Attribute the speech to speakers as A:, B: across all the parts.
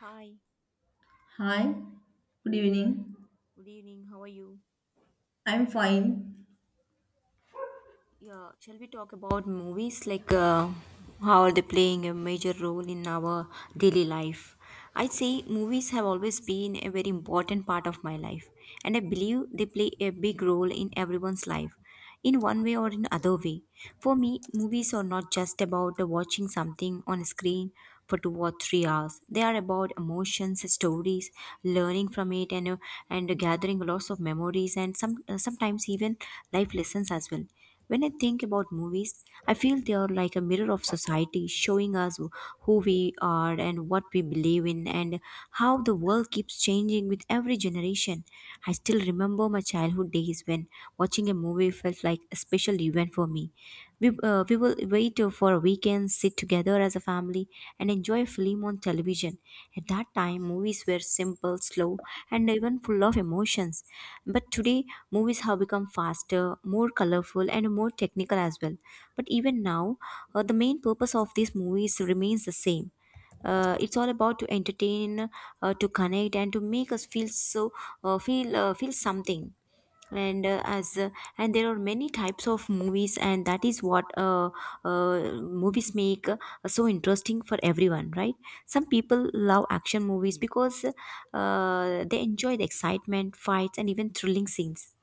A: Hi,
B: Hi, good evening.
A: good evening. How are you?
B: I'm fine.
A: Yeah, shall we talk about movies? How are they playing a major role in our daily life? I'd say movies have always been a very important part of my life, and I believe they play a big role in everyone's life, in one way or in other way. For me, movies are not just about watching something on a screen for 2 or 3 hours. They are about emotions, stories, learning from it, and gathering lots of memories, and sometimes even life lessons as well. When I think about movies, I feel they are like a mirror of society, showing us who we are and what we believe in, and how the world keeps changing with every generation. I still remember my childhood days when watching a movie felt like a special event for me. We will wait for a weekend, sit together as a family, and enjoy a film on television. At that time, movies were simple, slow, and even full of emotions. But today, movies have become faster, more colorful, and more technical as well. But even now, the main purpose of these movies remains the same. It's all about to entertain, to connect, and to make us feel so feel feel something. And uh, as uh, and there are many types of movies, and that is what movies make so interesting for everyone, right? Some people love action movies because they enjoy the excitement, fights, and even thrilling scenes.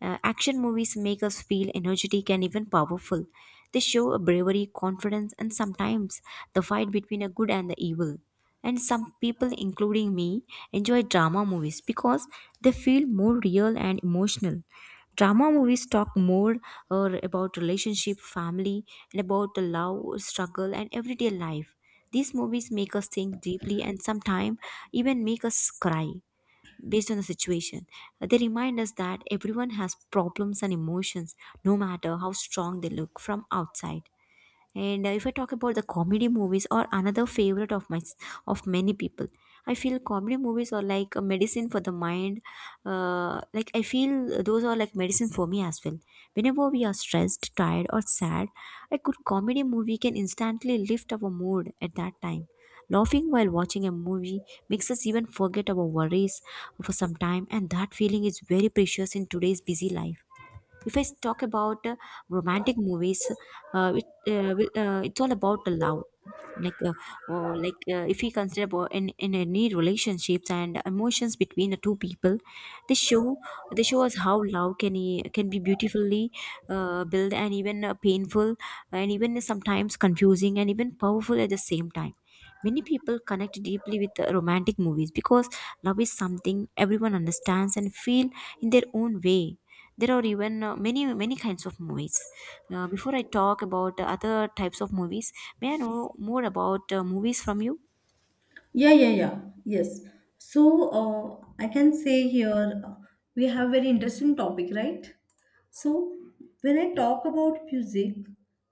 A: Action movies make us feel energetic and even powerful. They show a bravery, confidence, and sometimes the fight between a good and the evil. And some people, including me, enjoy drama movies because they feel more real and emotional. Drama movies talk more or about relationship, family, and about the love, struggle, and everyday life. These movies make us think deeply and sometimes even make us cry based on the situation. They remind us that everyone has problems and emotions, no matter how strong they look from outside. And If I talk about the comedy movies, or another favorite of many people, I feel comedy movies are like a medicine for the mind. Like, I feel those are like medicine for me as well. Whenever we are stressed, tired, or sad, a good comedy movie can instantly lift our mood at that time. Laughing while watching a movie makes us even forget our worries for some time, and that feeling is very precious in today's busy life. If I talk about romantic movies, uh, it, it's all about the love. Like, or like If we consider about in any relationships and emotions between the two people, they show they show us how love can be beautifully built, and even painful, and even sometimes confusing, and even powerful at the same time. Many people connect deeply with romantic movies because love is something everyone understands and feel in their own way. There are even many, many kinds of movies. Before I talk about other types of movies, may I know more about movies from you?
B: Yeah, yeah, yeah. Yes. So I can say here we have very interesting topic, right? So when I talk about music,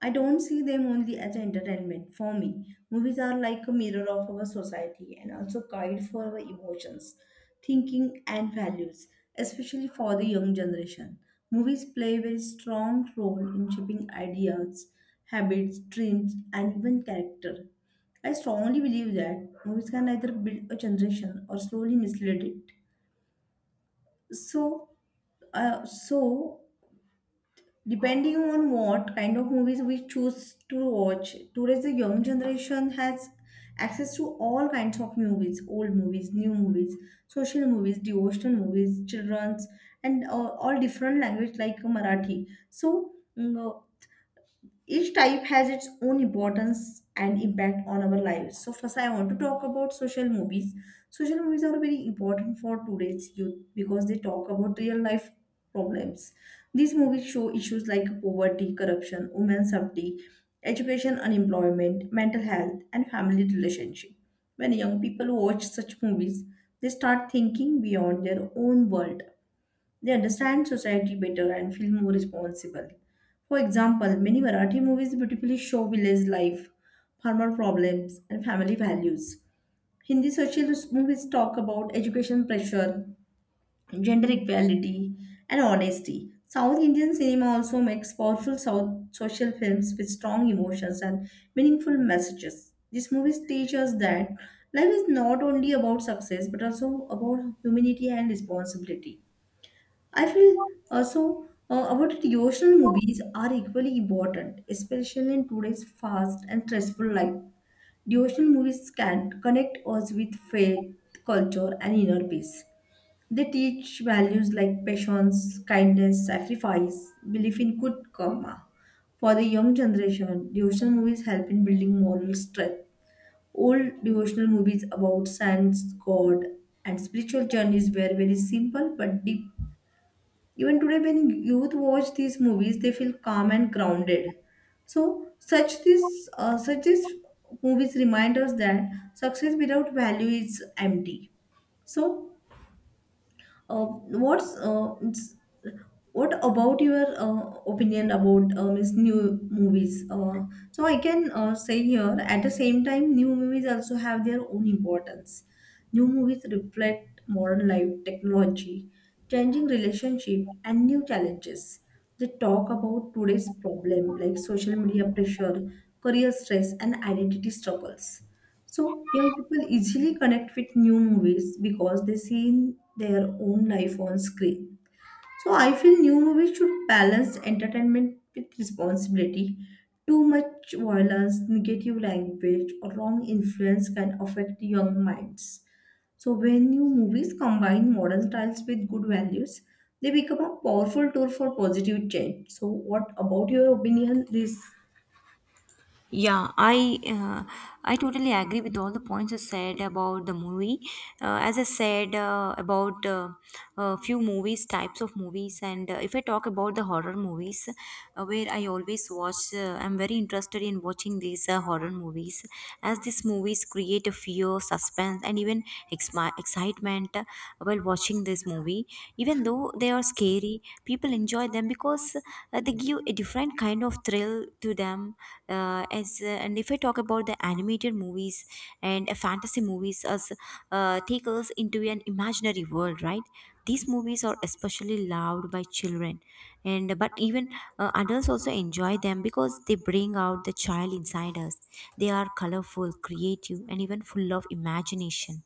B: I don't see them only as entertainment. For me, movies are like a mirror of our society and also guide for our emotions, thinking, and values, especially for the young generation. Movies play a very strong role in shaping ideas, habits, dreams, and even character. I strongly believe that movies can either build a generation or slowly mislead it. So, so depending on what kind of movies we choose to watch, today's the young generation has access to all kinds of movies, old movies, new movies, social movies, devotional movies, children's, and all different language like Marathi. Mm, uh, each type has its own importance and impact on our lives. So first, I want to talk about social movies. Social movies are very important for today's youth because they talk about real life problems. These movies show issues like poverty, corruption, women's safety, education, unemployment, mental health, and family relationship. When young people watch such movies, they start thinking beyond their own world. They understand society better and feel more responsible. For example, many Marathi movies beautifully show village life, farmer problems, and family values. Hindi social movies talk about education pressure, gender equality, and honesty. South Indian cinema also makes powerful South social films with strong emotions and meaningful messages. These movies teach us that life is not only about success but also about humanity and responsibility. I feel also about it, devotional movies are equally important, especially in today's fast and stressful life. Devotional movies can connect us with faith, culture, and inner peace. They teach values like patience, kindness, sacrifice, belief in good karma. For the young generation, devotional movies help in building moral strength. Old devotional movies about saints, God, and spiritual journeys were very simple but deep. Even today, when youth watch these movies, they feel calm and grounded. So such this such these movies remind us that success without value is empty. So uh, what's uh, it's- what about your opinion about means new movies? So I can say here, at the same time, new movies also have their own importance. New movies reflect modern life, technology, changing relationship, and new challenges. They talk about today's problem like social media pressure, career stress, and identity struggles. So young people easily connect with new movies because they see their own life on screen. So I feel new movies should balance entertainment with responsibility. Too much violence, negative language, or wrong influence can affect young minds. So when new movies combine modern styles with good values, they become a powerful tool for positive change. So what about your opinion? This
A: Yeah, I totally agree with all the points you said about the movie. As I said, about a few movies, types of movies, and if I talk about the horror movies, where I always watch, I'm very interested in watching these horror movies, as these movies create a fear, suspense, and even excitement while watching this movie. Even though they are scary, people enjoy them because they give a different kind of thrill to them. Uh, as uh, and if I talk about the animated movies and fantasy movies, as take us into an imaginary world, right? These movies are especially loved by children, and but even adults also enjoy them because they bring out the child inside us. They are colorful, creative, and even full of imagination.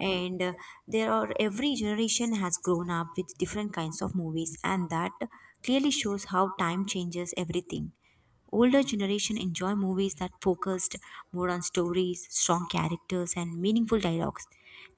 A: And there are Every generation has grown up with different kinds of movies, and that clearly shows how time changes everything. Older generation enjoy movies that focused more on stories, strong characters, and meaningful dialogues.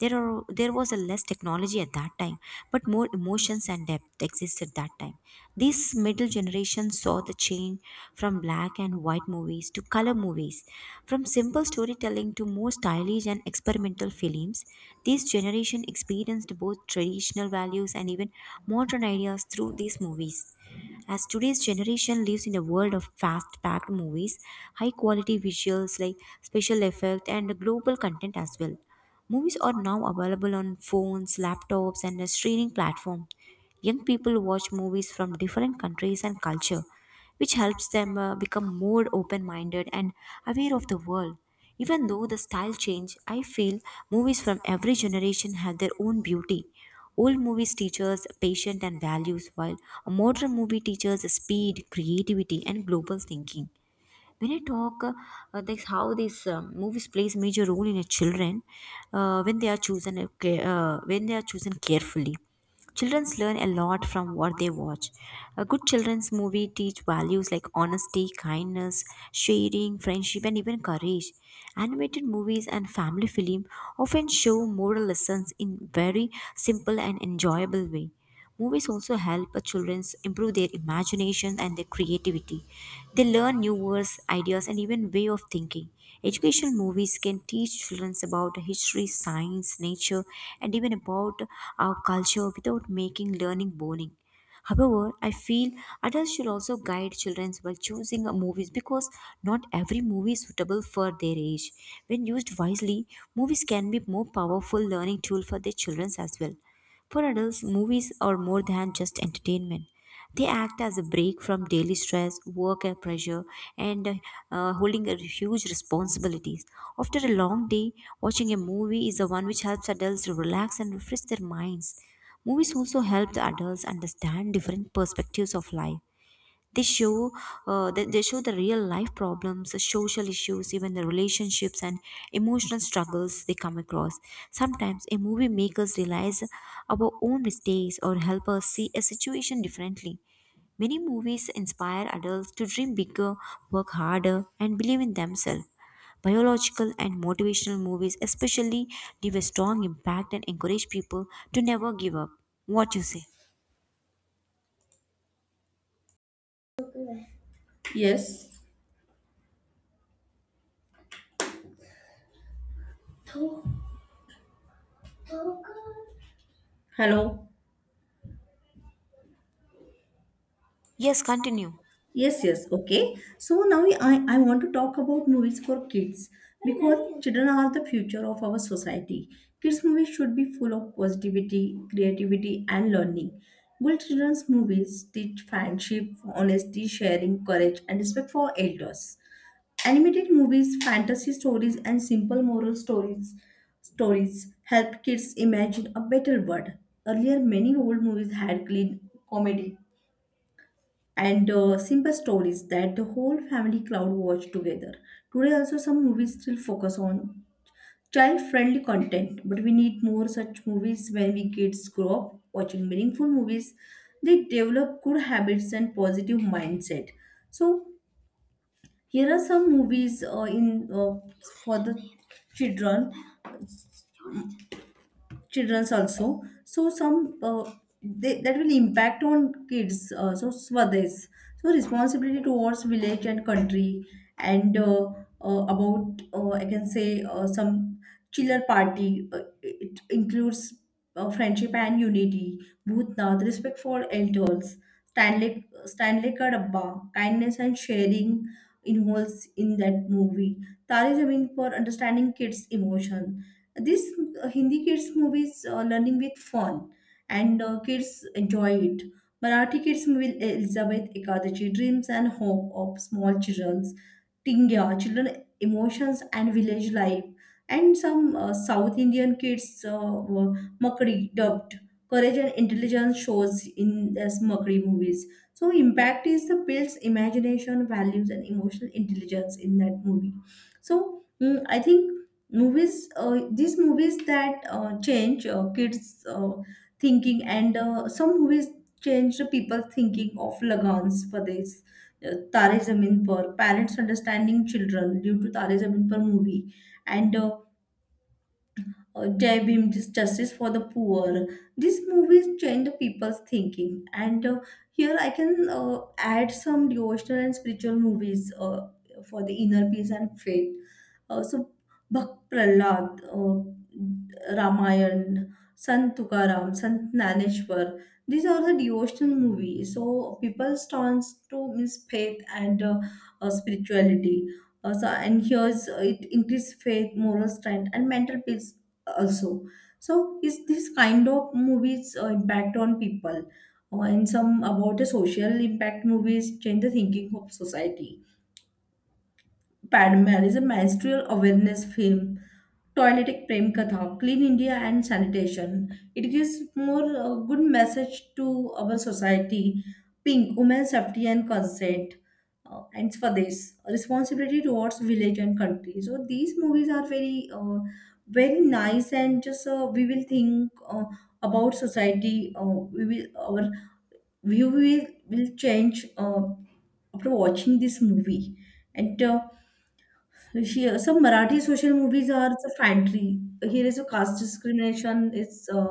A: There was a less technology at that time, but more emotions and depth existed that time. This middle generation saw the change from black and white movies to color movies, from simple storytelling to more stylish and experimental films. This generation experienced both traditional values and even modern ideas through these movies. As today's generation lives in a world of fast packed movies, high quality visuals like special effects, and global content as well. Movies are now available on phones, laptops, and a streaming platform. Young people watch movies from different countries and culture, which helps them become more open minded and aware of the world. Even though the style change, I feel movies from every generation have their own beauty. Old movies teach us patience and values, while a modern movie teaches speed, creativity, and global thinking. When I talk This how these movies plays major role in a children. When they are chosen ca- when they are chosen carefully, children learn a lot from what they watch. A good children's movie teach values like honesty, kindness, sharing, friendship, and even courage. Animated movies and family film often show moral lessons in very simple and enjoyable way. Movies also help children improve their imagination and their creativity. They learn new words, ideas, and even way of thinking. Educational movies can teach children about history, science, nature, and even about our culture without making learning boring. However, I feel adults should also guide children while choosing a movies because not every movie is suitable for their age. When used wisely, movies can be more powerful learning tool for their children as well. For adults, movies are more than just entertainment. They act as a break from daily stress, work and pressure, and holding a huge responsibilities. After a long day, watching a movie is the one which helps adults to relax and refresh their minds. Movies also help the adults understand different perspectives of life. They show uh, they, they show the real life problems, the social issues, even the relationships and emotional struggles they come across. Sometimes a movie makes us realize our own mistakes or help us see a situation differently. Many movies inspire adults to dream bigger, work harder, and believe in themselves. Biological and motivational movies especially leave a strong impact and encourage people to never give up. What you say?
B: yes. Hello.
A: Yes, continue.
B: Yes, yes, okay. So now I want to talk about movies for kids because children are the future of our society. Kids' movies should be full of positivity, creativity, and learning. Good children's movies teach friendship, honesty, sharing, courage, and respect for elders. Animated movies, fantasy stories, and simple moral stories help kids imagine a better world. Earlier, many old movies had clean comedy and simple stories that the whole family cloud watch together. Today, also, some movies still focus on child friendly content, but we need more such movies when we kids grow up watching meaningful movies. They develop good habits and positive mindset. So, here are some movies in for the children children's also, so some they, that will impact on kids, so Swadesh, so responsibility towards village and country, and about I can say some, Chiller Party, it includes friendship and unity. Bhutnath, respect for elders. Stanley, Stanley Kadabba, kindness and sharing involves in that movie. Tari Zameen, for understanding kids emotion. This Hindi kids movies, learning with fun, and kids enjoy it. Marathi kids movie Elizabeth Ekadachi, dreams and hope of small children. Tingya, children emotions and village life. And some South Indian kids were Makri dubbed, courage and intelligence shows in as Makri movies. So impact is the builds imagination, values, and emotional intelligence in that movie. So I think movies, these movies that change kids' thinking, and some movies change the people thinking of Lagans. For this, Tare Zameen Par, parents understanding children due to Tare Zameen Par movie, and Jai Bhim, justice for the poor. These movies change the people's thinking. And here I can add some devotional and spiritual movies for the inner peace and faith. सो भक्त Pralhad, Ramayan, Sant Tukaram, Sant Naneshwar. These are the devotional movies. So people turns to means faith and spirituality. So and here's it increase faith, moral strength, and mental peace also. So is this kind of movies impact on people? And some about the social impact movies change the thinking of society. Padman is a menstrual awareness film. Toiletic Prem Katha, clean India and sanitation. It gives more good message to our society. Pink, women safety and consent. And for this, responsibility towards village and country. So these movies are very nice, and just we will think about society. We will, our view will change after watching this movie. and. Uh, some Marathi social movies are the Fantry. Here is a caste discrimination is uh,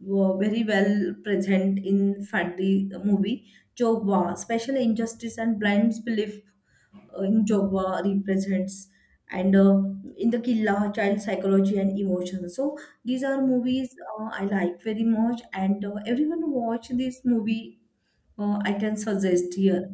B: wo- very well present in Fantry movie. Jogwa, special injustice and blind belief in Jogwa represents, and in the Killa, child psychology and emotions. So these are movies I like very much, and everyone who watch this movie, I can suggest here.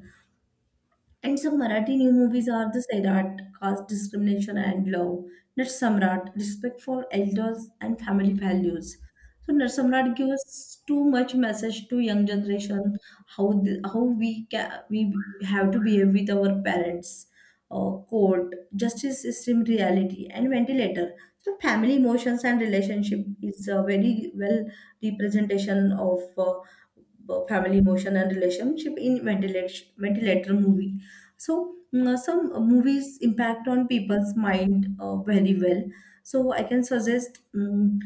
B: And some Marathi new movies are the Sairat, caste discrimination and love. Narsamrat, respect for elders and family values. So Narsamrat gives too much message to young generation, how we have to behave with our parents. Court, justice system, reality, and Ventilator. So family emotions and relationship is a very well representation of family emotion and relationship in Ventilator movie. So some movies impact on people's mind very well. So I can suggest mm,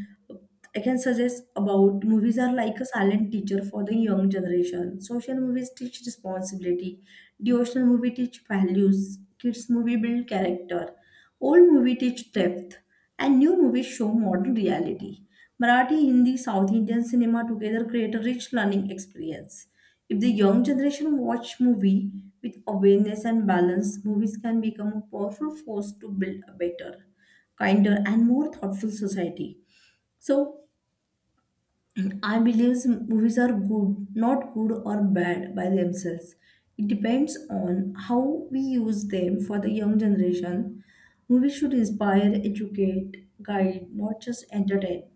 B: i can suggest about movies are like a silent teacher for the young generation. Social movies teach responsibility, devotional movie teach values, kids movie build character, old movie teach depth, and new movies show modern reality. Marathi, Hindi, South Indian cinema together create a rich learning experience. If the young generation watch movie with awareness and balance, movies can become a powerful force to build a better, kinder, and more thoughtful society. So I believe movies are good, not good or bad by themselves. It depends on how we use them for the young generation. Movies should inspire, educate, guide, not just entertain.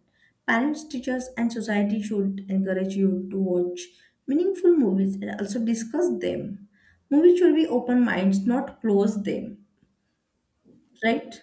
B: Parents, teachers, and society should encourage you to watch meaningful movies and also discuss them. Movies should be open minds, not close them. Right?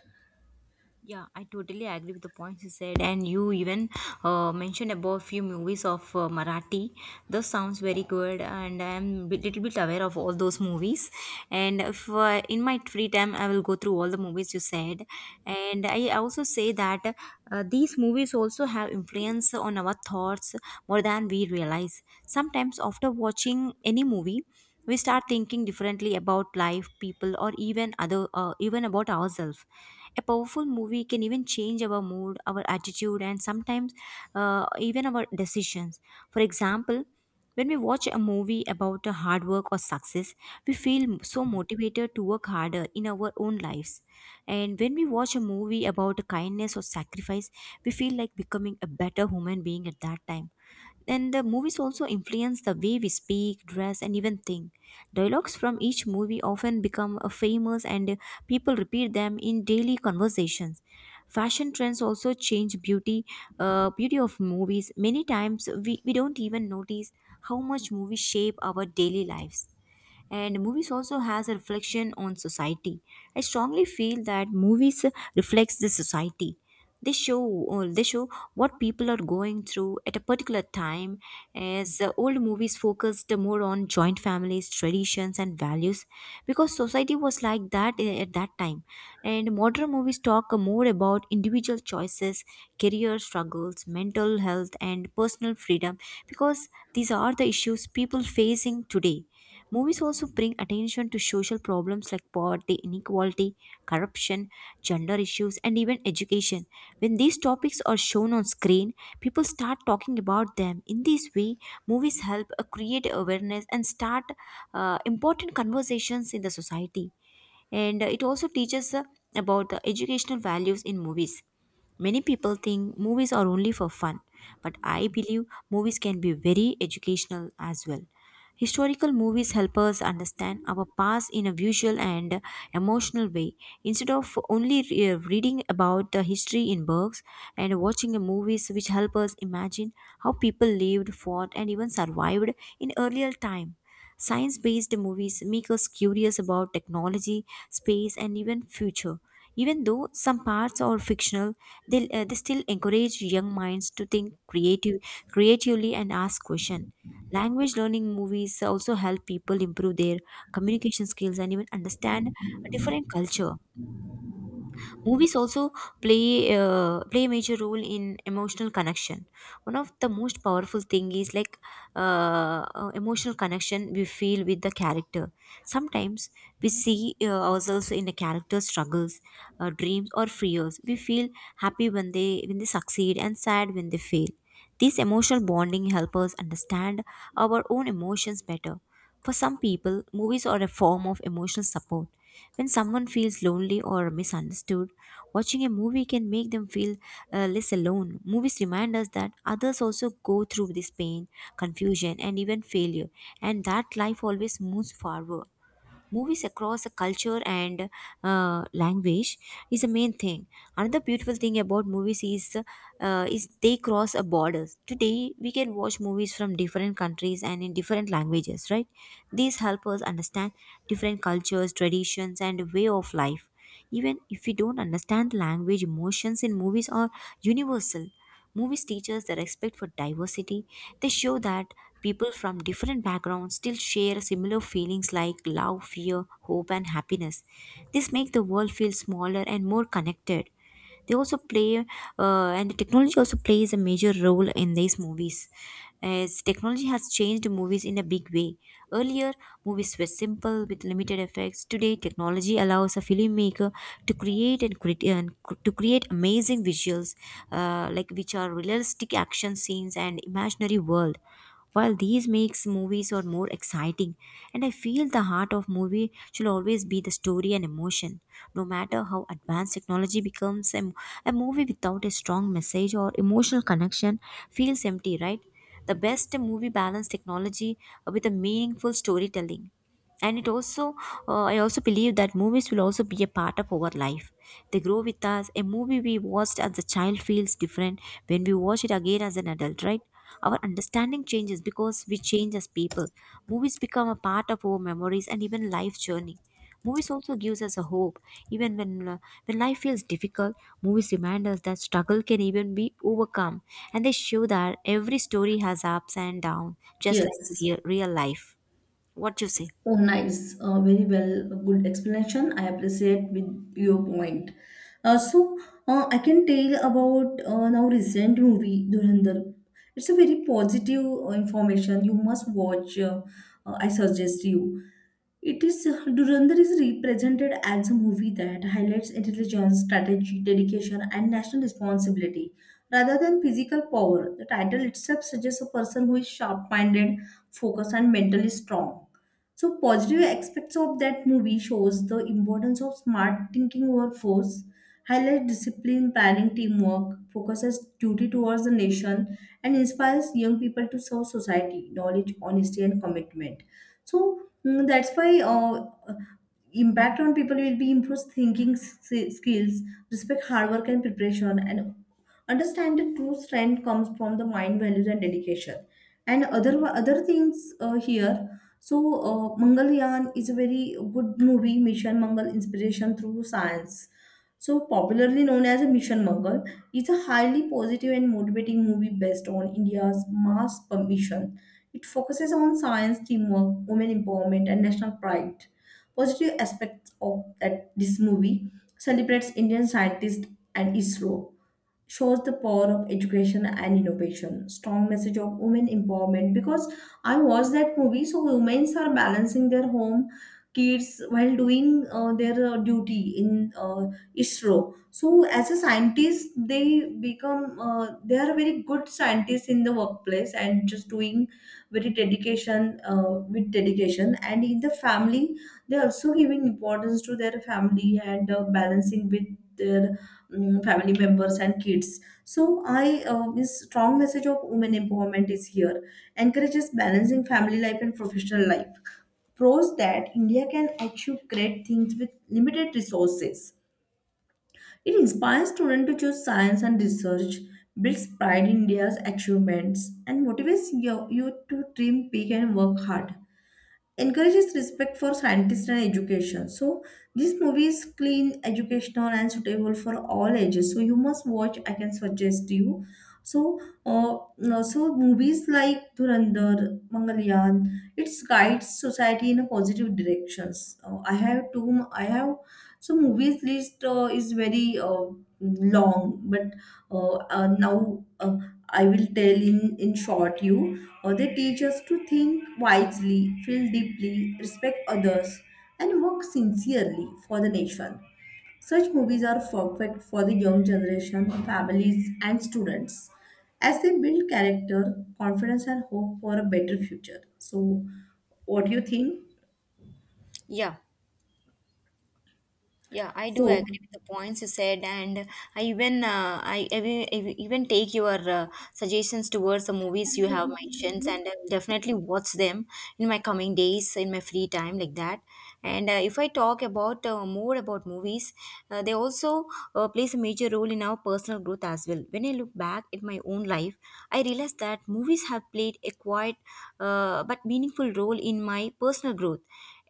A: Yeah, I totally agree with the points you said, and you even mentioned about few movies of Marathi. Those sounds very good, and I'm a little bit aware of all those movies. And if in my free time, I will go through all the movies you said, and I also say that these movies also have influence on our thoughts more than we realize. Sometimes after watching any movie, we start thinking differently about life, people, or even other even about ourselves. A powerful movie can even change our mood, our attitude, and sometimes even our decisions. For example, when we watch a movie about a hard work or success, we feel so motivated to work harder in our own lives. And when we watch a movie about kindness or sacrifice, we feel like becoming a better human being at that time. And the movies also influence the way we speak, dress, and even think. Dialogues from each movie often become famous, and people repeat them in daily conversations. Fashion trends also change beauty, beauty of movies. Many times we don't even notice how much movies shape our daily lives. And movies also has a reflection on society. I strongly feel that movies reflects the society. They show what people are going through at a particular time. As Old movies focused more on joint families, traditions and values because society was like that at that time. And modern movies talk more about individual choices, career struggles, mental health, and personal freedom because these are the issues people facing today. Movies also bring attention to social problems like poverty, inequality, corruption, gender issues, and even education. When these topics are shown on screen, people start talking about them. In this way, movies help create awareness and start important conversations in the society. And It also teaches about the educational values in movies. Many people think movies are only for fun, but I believe movies can be very educational as well. Historical movies help us understand our past in a visual and emotional way. Instead of only reading about the history in books and watching a movies which help us imagine how people lived, fought, and even survived in earlier time. Science based movies make us curious about technology, space, and even future. Even though some parts are fictional, they still encourage young minds to think creatively and ask questions. Language learning movies also help people improve their communication skills and even understand a different culture. Movies also play a major role in emotional connection. One of the most powerful thing is like emotional connection we feel with the character. Sometimes we see ourselves in the character's struggles, dreams, or fears. We feel happy when they succeed and sad when they fail. This emotional bonding help us understand our own emotions better. For some people, movies are a form of emotional support. When someone feels lonely or misunderstood, watching a movie can make them feel less alone. Movies remind us that others also go through this pain, confusion, and even failure, and that life always moves forward. Movies across a culture and language is the main thing. Another beautiful thing about movies is they cross a borders. Today we can watch movies from different countries and in different languages, right? These help us understand different cultures, traditions, and way of life. Even if we don't understand the language, emotions in movies are universal. Movies teach us the respect for diversity. They show that people from different backgrounds still share similar feelings like love, fear, hope, and happiness. This makes the world feel smaller and more connected. They also play, and the technology also plays a major role in these movies, as technology has changed movies in a big way. Earlier, movies were simple with limited effects. Today, technology allows a filmmaker to create and, cre- and cr- to create amazing visuals, like which are realistic action scenes and imaginary world, while these makes movies are more exciting. And I feel the heart of movie should always be the story and emotion. No matter how advanced technology becomes, a movie without a strong message or emotional connection feels empty, right? The best movie balance technology with a meaningful storytelling. And it also, I also believe that movies will also be a part of our life. They grow with us. A movie we watched as a child feels different when we watch it again as an adult, right? Our understanding changes because we change as people. Movies become a part of our memories and even life journey. Movies also gives us a hope. Even when life feels difficult, movies remind us that struggle can even be overcome, and they show that every story has ups and downs, just like
B: Yes.
A: real life. What you say?
B: Oh, nice. Very well. Good explanation. I appreciate with your point. Uh, so, I can tell about now recent movie Dhurandhar. It's a very positive information. You must watch. I suggest you. It is, Dhurandhar is represented as a movie that highlights intelligence, strategy, dedication, and national responsibility rather than physical power. The title itself suggests a person who is sharp-minded, focused, and mentally strong. So, positive aspects of that movie shows the importance of smart thinking over force, highlights discipline, planning, teamwork, focuses duty towards the nation, and inspires young people to serve society, knowledge, honesty, and commitment. So that's why impact on people will be improves thinking skills, respect hard work and preparation, and understand the true strength comes from the mind values and dedication and other things here. So Mangalyaan is a very good movie. Mission Mangal, inspiration through science. So popularly known as Mission Mangal, it's a highly positive and motivating movie based on India's Mars mission. It focuses on science, teamwork, women empowerment, and national pride. Positive aspects of that this movie celebrates Indian scientists and ISRO, shows the power of education and innovation, strong message of women empowerment because I watched that movie, so women are balancing their home, kids while doing their duty in ISRO. So as a scientist they become they are very good scientists in the workplace and just doing very dedication, with dedication, and in the family they are also giving importance to their family and balancing with their family members and kids. So I, this strong message of women empowerment is here, encourages balancing family life and professional life, proves that India can achieve great things with limited resources. It inspires students to choose science and research, builds pride in India's achievements, and motivates youth to dream big and work hard, encourages respect for scientists and education. So this movie is clean, educational, and suitable for all ages. So you must watch. I can suggest you. So, no, so movies like Dhurandhar, Mangalyaan, it guides society in a positive directions. I have two. I have so movies list is very long, but now I will tell in short you, they teach us to think wisely, feel deeply, respect others, and work sincerely for the nation. Such movies are perfect for the young generation, families, and students, as they build character, confidence, and hope for a better future. So what do you think?
A: Yeah, yeah, I do
B: so
A: agree with the points you said, and I even, even take your suggestions towards the movies you have mentioned, and I will definitely watch them in my coming days, in my free time like that. And if I talk about more about movies, they also plays a major role in our personal growth as well. When I look back at my own life, I realize that movies have played a quiet but meaningful role in my personal growth.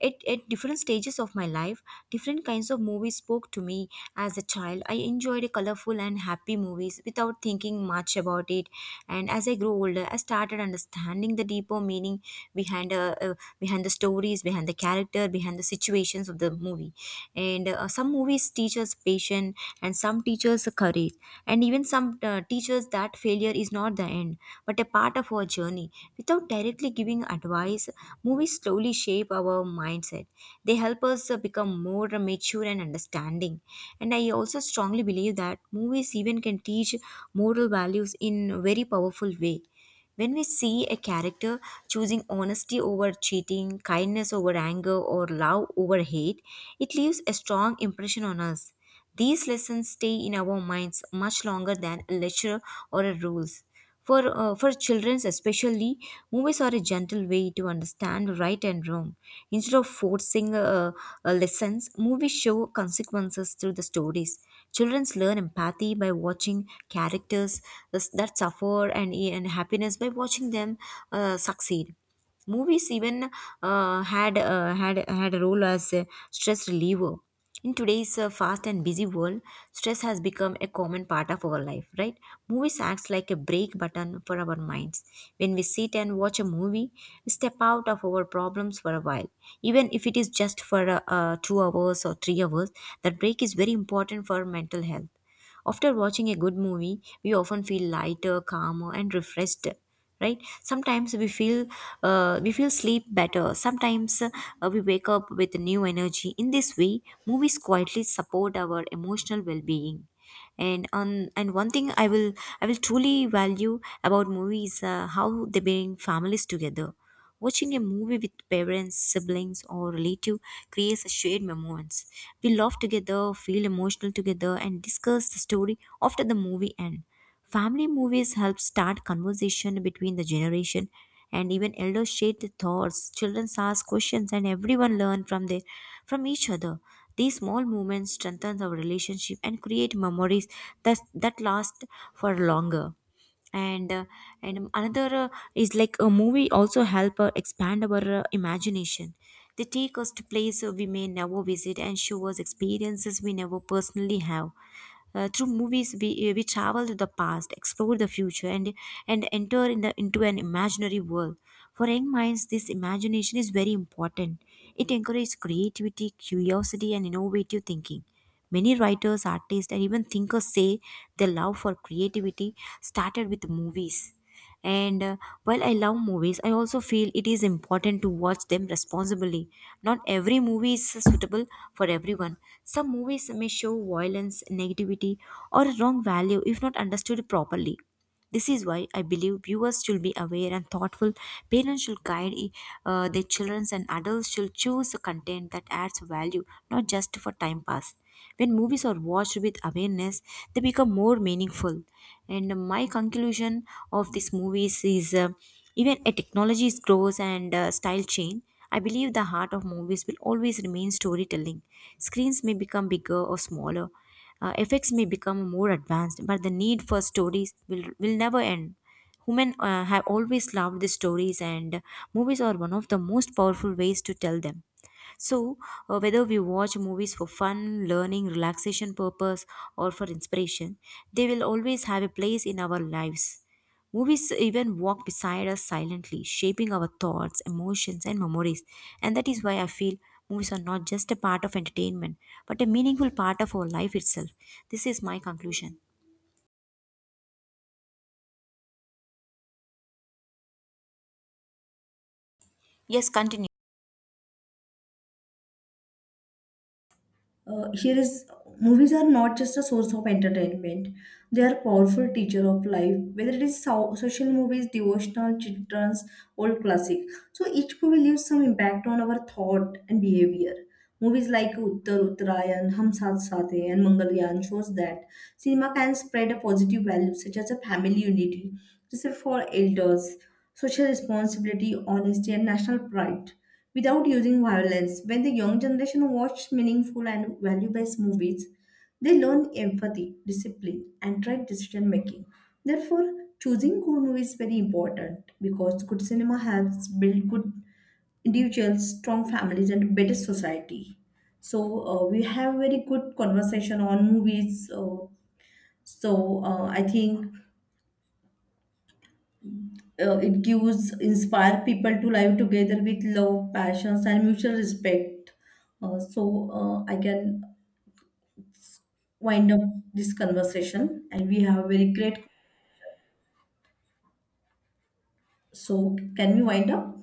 A: At different stages of my life, different kinds of movies spoke to me. As a child, I enjoyed colorful and happy movies without thinking much about it. And as I grew older, I started understanding the deeper meaning behind the stories, behind the character, behind the situations of the movie. And some movies teach us patience, and some teach us courage, and even some teach us that failure is not the end, but a part of our journey. Without directly giving advice, movies slowly shape our mindset. They help us become more mature and understanding. And I also strongly believe that movies even can teach moral values in a very powerful way. When we see a character choosing honesty over cheating, kindness over anger, or love over hate, it leaves a strong impression on us. These lessons stay in our minds much longer than a lecture or a rules. For children especially, movies are a gentle way to understand right and wrong. Instead of forcing lessons, movies show consequences through the stories. Children learn empathy by watching characters that suffer, and happiness by watching them succeed. Movies even had a role as a stress reliever. In today's fast and busy world, stress has become a common part of our life, right? Movies acts like a break button for our minds. When we sit and watch a movie, we step out of our problems for a while. Even if it is just for 2 hours or 3 hours, that break is very important for mental health. After watching a good movie, we often feel lighter, calmer, and refreshed, right? Sometimes we feel, we feel sleep better. Sometimes we wake up with new energy. In this way, movies quietly support our emotional well-being. And on and one thing I will, I will truly value about movies, how they bring families together. Watching a movie with parents, siblings, or relative creates a shared moments. We laugh together, feel emotional together, and discuss the story after the movie end. Family movies help start conversation between the generation, and even elders share their thoughts. Children ask questions, and everyone learn from their, from each other. These small moments strengthen our relationship and create memories that last for longer. And and another is like a movie also help expand our imagination. They take us to places we may never visit and show us experiences we never personally have. Through movies, we travel to the past, explore the future, and enter in the, into an imaginary world. For young minds, this imagination is very important. It encourages creativity, curiosity, and innovative thinking. Many writers, artists, and even thinkers say their love for creativity started with movies. And while I love movies, I also feel it is important to watch them responsibly. Not every movie is suitable for everyone. Some movies may show violence, negativity, or wrong value if not understood properly. This is why I believe viewers should be aware and thoughtful. Parents should guide their children, and adults should choose a content that adds value, not just for time pass. When movies are watched with awareness, they become more meaningful. And my conclusion of these movies is, even a technology grows and style change, I believe the heart of movies will always remain storytelling. Screens may become bigger or smaller, effects may become more advanced, but the need for stories will never end. Women have always loved the stories, and movies are one of the most powerful ways to tell them. So, whether we watch movies for fun, learning, relaxation purpose, or for inspiration, they will always have a place in our lives. Movies even walk beside us silently, shaping our thoughts, emotions, and memories. And that is why I feel movies are not just a part of entertainment, but a meaningful part of our life itself. This is my conclusion. Yes, continue.
B: uh, here is, movies are not just a source of entertainment, they are powerful teacher of life, whether it is social movies, devotional, children's, old classic. So each movie leaves some impact on our thought and behavior. Movies like Uttar Uttarayan, Hum Saath Saath Hai, and Mangalyaan shows that cinema can spread a positive value such as a family unity, respect for elders, social responsibility, honesty, and national pride without using violence. When the young generation watch meaningful and value-based movies, they learn empathy, discipline, and right decision making. Therefore, choosing good movies is very important because good cinema helps build good individuals, strong families, and better society. So we have very good conversation on movies. So I think it gives inspire people to live together with love, passions, and mutual respect. So I can wind up this conversation, and we have very great. So can we wind up?